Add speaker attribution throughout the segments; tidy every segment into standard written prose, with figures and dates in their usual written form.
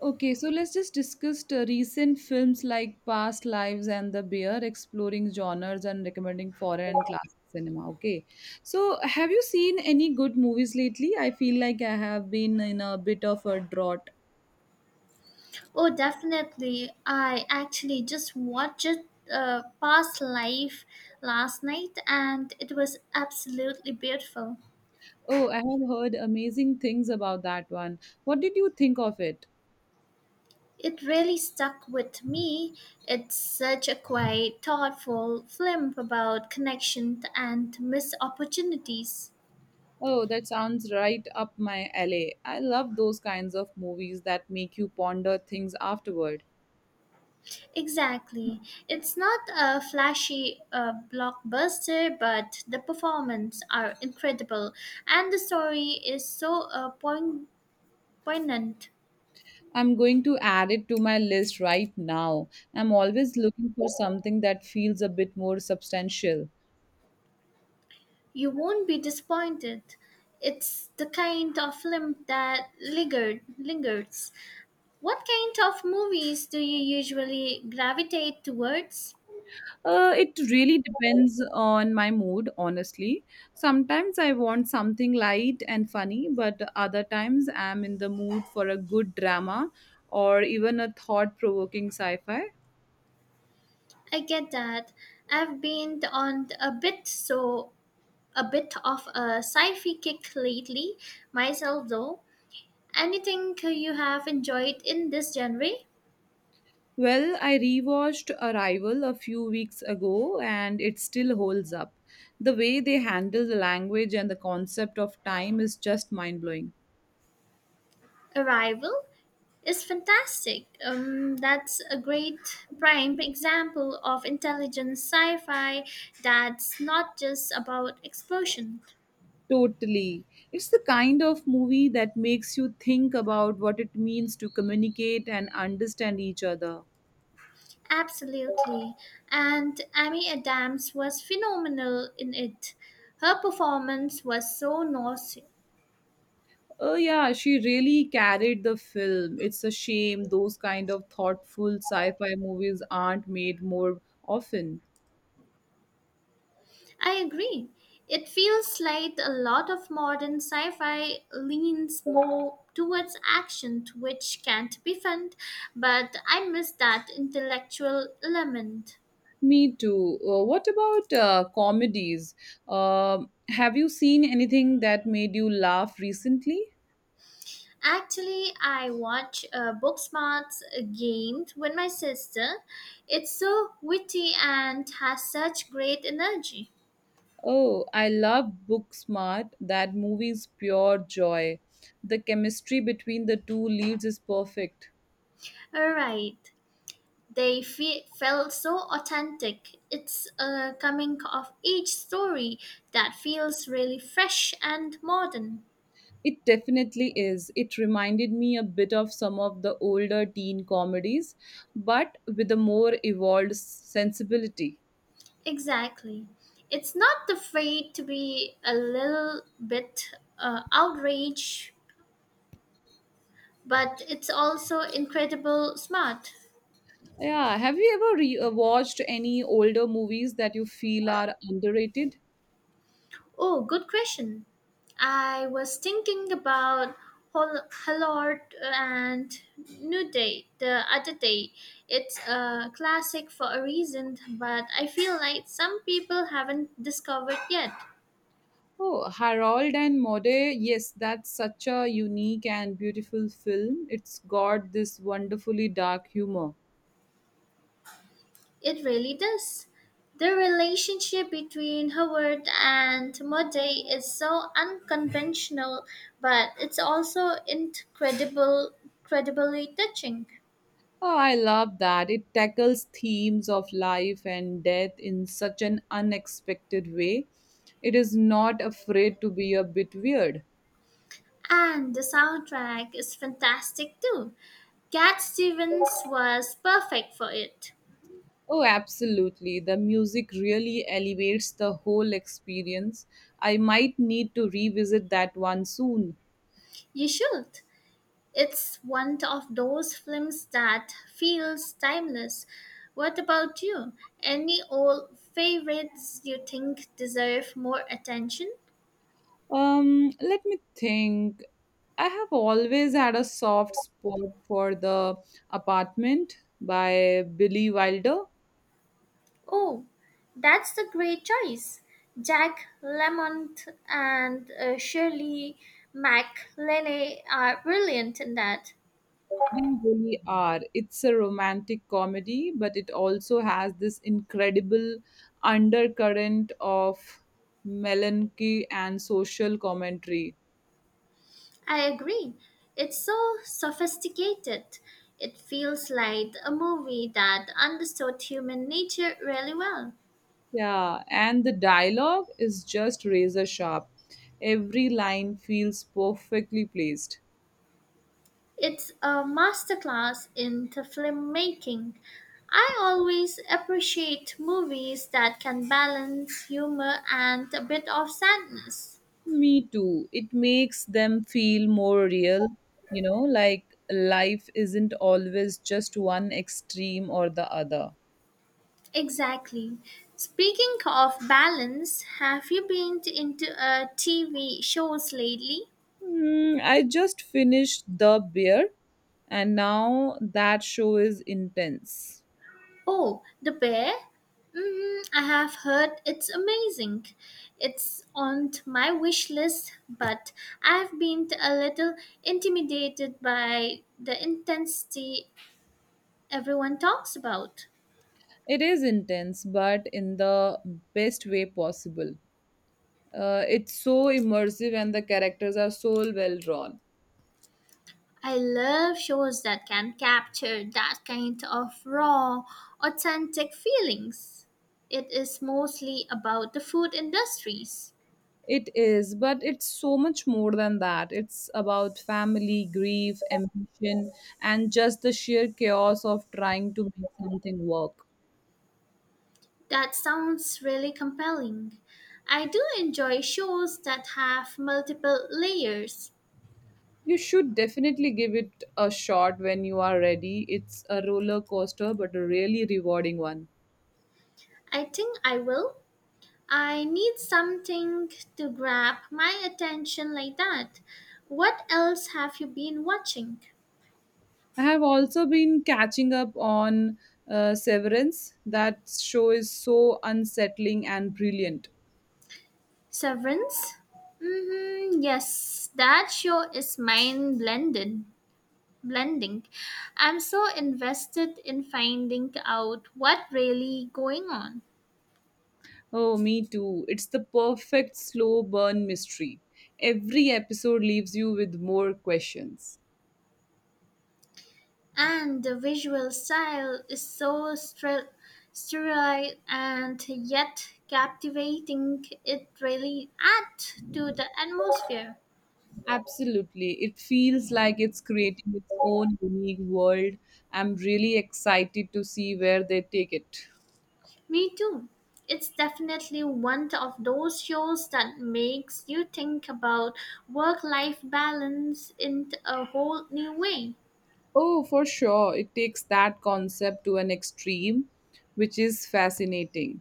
Speaker 1: Okay, so let's just discuss the recent films like Past Lives and The Bear, exploring genres and recommending foreign and classic cinema. Okay, so have you seen any good movies lately? I feel like I have been in a bit of a drought.
Speaker 2: Oh, definitely. I actually just watched Past Life last night and it was absolutely beautiful.
Speaker 1: Oh, I have heard amazing things about that one. What did you think of it?
Speaker 2: It really stuck with me. It's such a quite thoughtful film about connection and missed opportunities.
Speaker 1: Oh, that sounds right up my alley. I love those kinds of movies that make you ponder things afterward.
Speaker 2: Exactly. It's not a flashy blockbuster, but the performances are incredible and the story is so poignant.
Speaker 1: I'm going to add it to my list right now. I'm always looking for something that feels a bit more substantial.
Speaker 2: You won't be disappointed. It's the kind of film that lingers. What kind of movies do you usually gravitate towards?
Speaker 1: It really depends on my mood, honestly. Sometimes I want something light and funny, but other times I'm in the mood for a good drama or even a thought provoking sci fi.
Speaker 2: I get that. I've been on a bit so a bit of a sci-fi kick lately myself though. Anything you have enjoyed in this genre?
Speaker 1: Well, I rewatched Arrival a few weeks ago and it still holds up. The way they handle the language and the concept of time is just mind blowing.
Speaker 2: Arrival? Is fantastic. That's a great prime example of intelligent sci fi that's not just about explosion.
Speaker 1: Totally. It's the kind of movie that makes you think about what it means to communicate and understand each other.
Speaker 2: Absolutely. And Amy Adams was phenomenal in it. Her performance was so nauseous.
Speaker 1: Oh, yeah, she really carried the film. It's a shame those kind of thoughtful sci fi movies aren't made more often.
Speaker 2: I agree. It feels like a lot of modern sci fi leans more towards action, which can't be fun, but I miss that intellectual element.
Speaker 1: Me too. What about comedies? Um have you seen anything that made you laugh recently?
Speaker 2: Actually, I watch Booksmart's game with my sister. It's so witty and has such great energy.
Speaker 1: Oh, I love Booksmart. That movie's pure joy. The chemistry between the two leads is perfect.
Speaker 2: All right, felt so authentic. It's a coming of age story that feels really fresh and modern.
Speaker 1: It definitely is. It reminded me a bit of some of the older teen comedies, but with a more evolved sensibility.
Speaker 2: Exactly. It's not afraid to be a little bit outraged, but it's also incredible smart.
Speaker 1: Yeah, have you ever watched any older movies that you feel are underrated?
Speaker 2: Oh, good question. I was thinking about Hallard and New Day the other day. It's a classic for a reason, but I feel like some people haven't discovered yet.
Speaker 1: Oh, Harold and Maude. Yes, that's such a unique and beautiful film. It's got this wonderfully dark humor.
Speaker 2: It really does. The relationship between Howard and Mode is so unconventional, but incredibly touching.
Speaker 1: Oh, I love that. It tackles themes of life and death in such an unexpected way. It is not afraid to be a bit weird.
Speaker 2: And the soundtrack is fantastic too. Cat Stevens was perfect for it.
Speaker 1: Oh, absolutely. The music really elevates the whole experience. I might need to revisit that one soon.
Speaker 2: You should. It's one of those films that feels timeless. What about you? Any old favorites you think deserve more attention?
Speaker 1: Let me think. I have always had a soft spot for The Apartment by Billy Wilder.
Speaker 2: Oh, that's a great choice. Jack Lemont and Shirley MacLaine are brilliant in that.
Speaker 1: They really are. It's a romantic comedy, but it also has this incredible undercurrent of melancholy and social commentary.
Speaker 2: I agree. It's so sophisticated. It feels like a movie that understood human nature really well.
Speaker 1: Yeah, and the dialogue is just razor sharp. Every line feels perfectly placed.
Speaker 2: It's a masterclass in the film making. I always appreciate movies that can balance humor and a bit of sadness.
Speaker 1: Me too. It makes them feel more real, you know, like life isn't always just one extreme or the other.
Speaker 2: Exactly. Speaking of balance, have you been into TV shows lately?
Speaker 1: Mm, I just finished The Bear, and now that show is intense.
Speaker 2: Oh, the bear? Mm, I have heard it's amazing. It's on my wish list, but I've been a little intimidated by the intensity everyone talks about.
Speaker 1: It is intense, but in the best way possible. It's so immersive, and the characters are so well drawn.
Speaker 2: I love shows that can capture that kind of raw, authentic feelings. It is mostly about the food industries.
Speaker 1: It is, but it's so much more than that. It's about family, grief, ambition, and just the sheer chaos of trying to make something work.
Speaker 2: That sounds really compelling. I do enjoy shows that have multiple layers.
Speaker 1: You should definitely give it a shot when you are ready. It's a roller coaster, but a really rewarding one.
Speaker 2: I think I will. I need something to grab my attention like that. What else have you been watching?
Speaker 1: I have also been catching up on Severance. That show is so unsettling and brilliant.
Speaker 2: Severance? Mm-hmm, yes, that show is mind blending. Blending. I'm so invested in finding out what really going on.
Speaker 1: Oh, me too. It's the perfect slow burn mystery. Every episode leaves you with more questions.
Speaker 2: And the visual style is sterile and yet captivating. It really adds to the atmosphere.
Speaker 1: Absolutely. It feels like it's creating its own unique world. I'm really excited to see where they take it.
Speaker 2: Me too. It's definitely one of those shows that makes you think about work life balance in a whole new way.
Speaker 1: Oh, for sure. It takes that concept to an extreme, which is fascinating.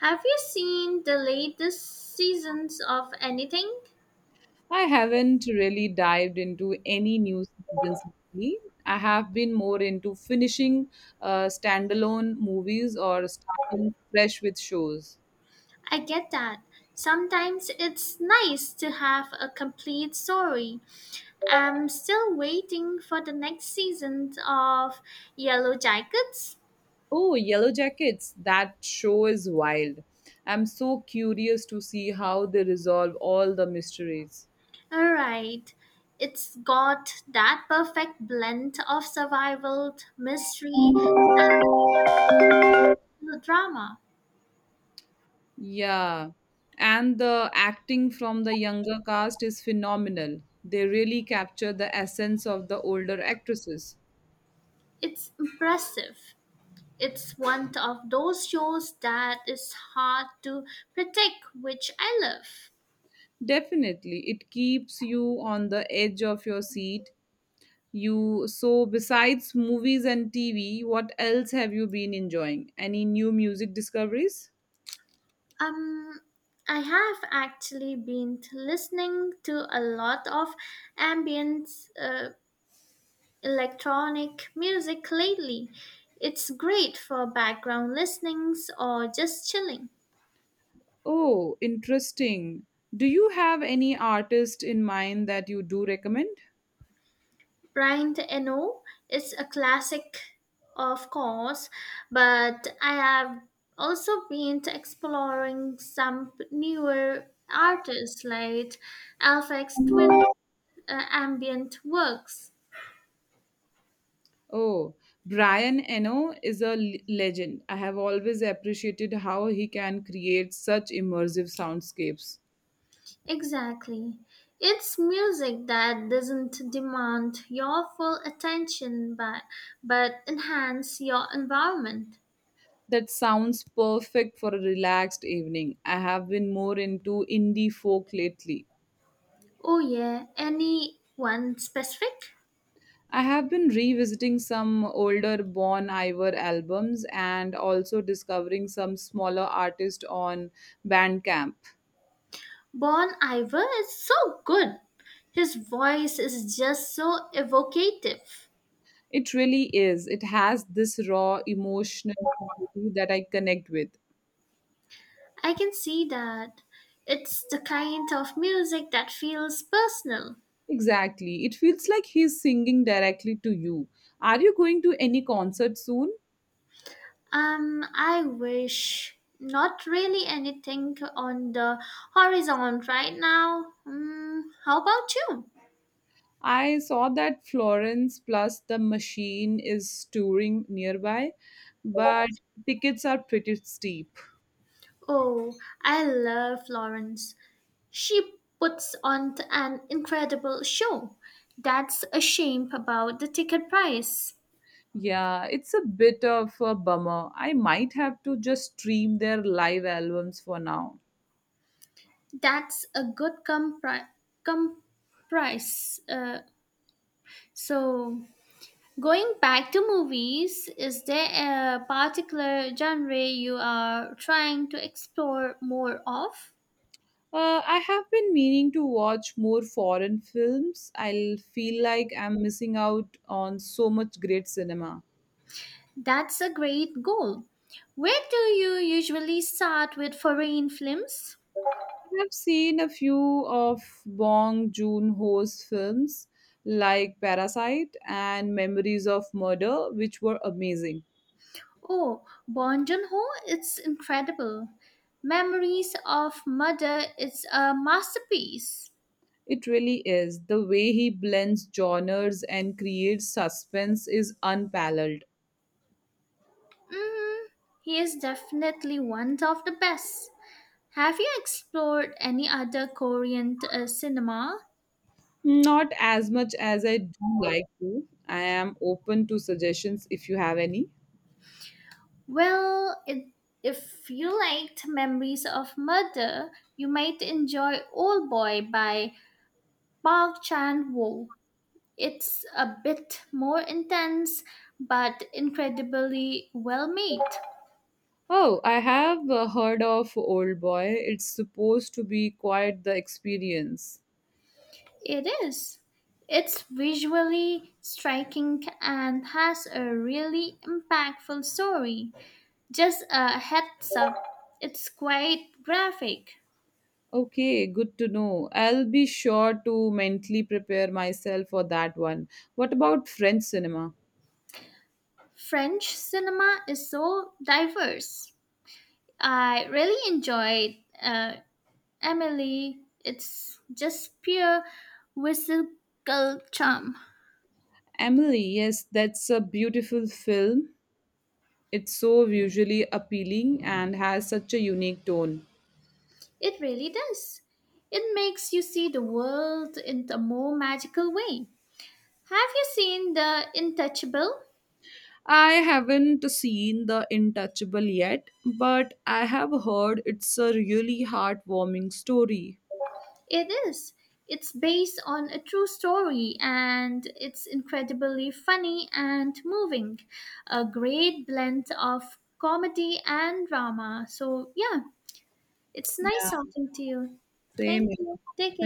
Speaker 2: Have you seen the latest seasons of anything?
Speaker 1: I haven't really dived into any new seasons lately. I have been more into finishing standalone movies or starting fresh with shows.
Speaker 2: I get that. Sometimes it's nice to have a complete story. I'm still waiting for the next season of Yellow Jackets.
Speaker 1: Oh, Yellow Jackets. That show is wild. I'm so curious to see how they resolve all the mysteries.
Speaker 2: Alright, it's got that perfect blend of survival, mystery, and drama.
Speaker 1: Yeah. And the acting from the younger cast is phenomenal. They really capture the essence of the older actresses.
Speaker 2: It's impressive. It's one of those shows that is hard to predict, which I love.
Speaker 1: Definitely. It keeps you on the edge of your seat. You so besides movies and TV, what else have you been enjoying? Any new music discoveries?
Speaker 2: Um, I have actually been listening to a lot of ambient uh, electronic music lately. It's great for background listenings or just chilling.
Speaker 1: Oh, interesting. Do you have any artist in mind that you do recommend?
Speaker 2: Brian Eno is a classic, of course, but I have also been exploring some newer artists like Alphex Twin ambient works.
Speaker 1: Oh, Brian Eno is a legend. I have always appreciated how he can create such immersive soundscapes.
Speaker 2: Exactly. It's music that doesn't demand your full attention but enhance your environment.
Speaker 1: That sounds perfect for a relaxed evening. I have been more into indie folk lately.
Speaker 2: Oh yeah, anyone specific?
Speaker 1: I have been revisiting some older Bon Iver albums and also discovering some smaller artists on Bandcamp.
Speaker 2: Bon Iver is so good. His voice is just so evocative.
Speaker 1: It really is. It has this raw emotional quality that I connect with.
Speaker 2: I can see that. It's the kind of music that feels personal.
Speaker 1: Exactly. It feels like he's singing directly to you. Are you going to any concert soon?
Speaker 2: I wish not really anything on the horizon right now. Mm, how about you?
Speaker 1: I saw that Florence plus the Machine is touring nearby, but tickets are pretty steep.
Speaker 2: Oh, I love Florence. She puts on an incredible show. That's a shame about the ticket price.
Speaker 1: Yeah, it's a bit of a bummer. I might have to just stream their live albums for now.
Speaker 2: That's a good compri- comprise. So Going back to movies, is there a particular genre you are trying to explore more of?
Speaker 1: I have been meaning to watch more foreign films. I feel like I'm missing out on so much great cinema.
Speaker 2: That's a great goal. Where do you usually start with foreign films?
Speaker 1: I have seen a few of Bong Joon-ho's films like Parasite and Memories of Murder, which were amazing.
Speaker 2: Oh, Bong Joon-ho, it's incredible. Memories of Mother is a masterpiece.
Speaker 1: It really is. The way he blends genres and creates suspense is unparalleled.
Speaker 2: Mm, he is definitely one of the best. Have you explored any other Korean cinema?
Speaker 1: Not as much as I do like to. I am open to suggestions if you have any.
Speaker 2: Well, if you liked Memories of Murder, you might enjoy Old Boy by Park Chan Wook. It's a bit more intense, but incredibly well made.
Speaker 1: Oh, I have heard of Old Boy. It's supposed to be quite the experience.
Speaker 2: It is. It's visually striking and has a really impactful story. Just a heads up, it's quite graphic.
Speaker 1: Okay, good to know. I'll be sure to mentally prepare myself for that one. What about French cinema?
Speaker 2: French cinema is so diverse. I really enjoyed Emily. It's just pure whimsical charm.
Speaker 1: Emily, yes, that's a beautiful film. It's so visually appealing and has such a unique tone.
Speaker 2: It really does. It makes you see the world in a more magical way. Have you seen The Intouchable?
Speaker 1: I haven't seen The Intouchable yet, but I have heard it's a really heartwarming story.
Speaker 2: It is. It's based on a true story and it's incredibly funny and moving. A great blend of comedy and drama. So, yeah, it's
Speaker 1: Yeah,
Speaker 2: nice talking to you. Thank
Speaker 1: same.
Speaker 2: you. Take care.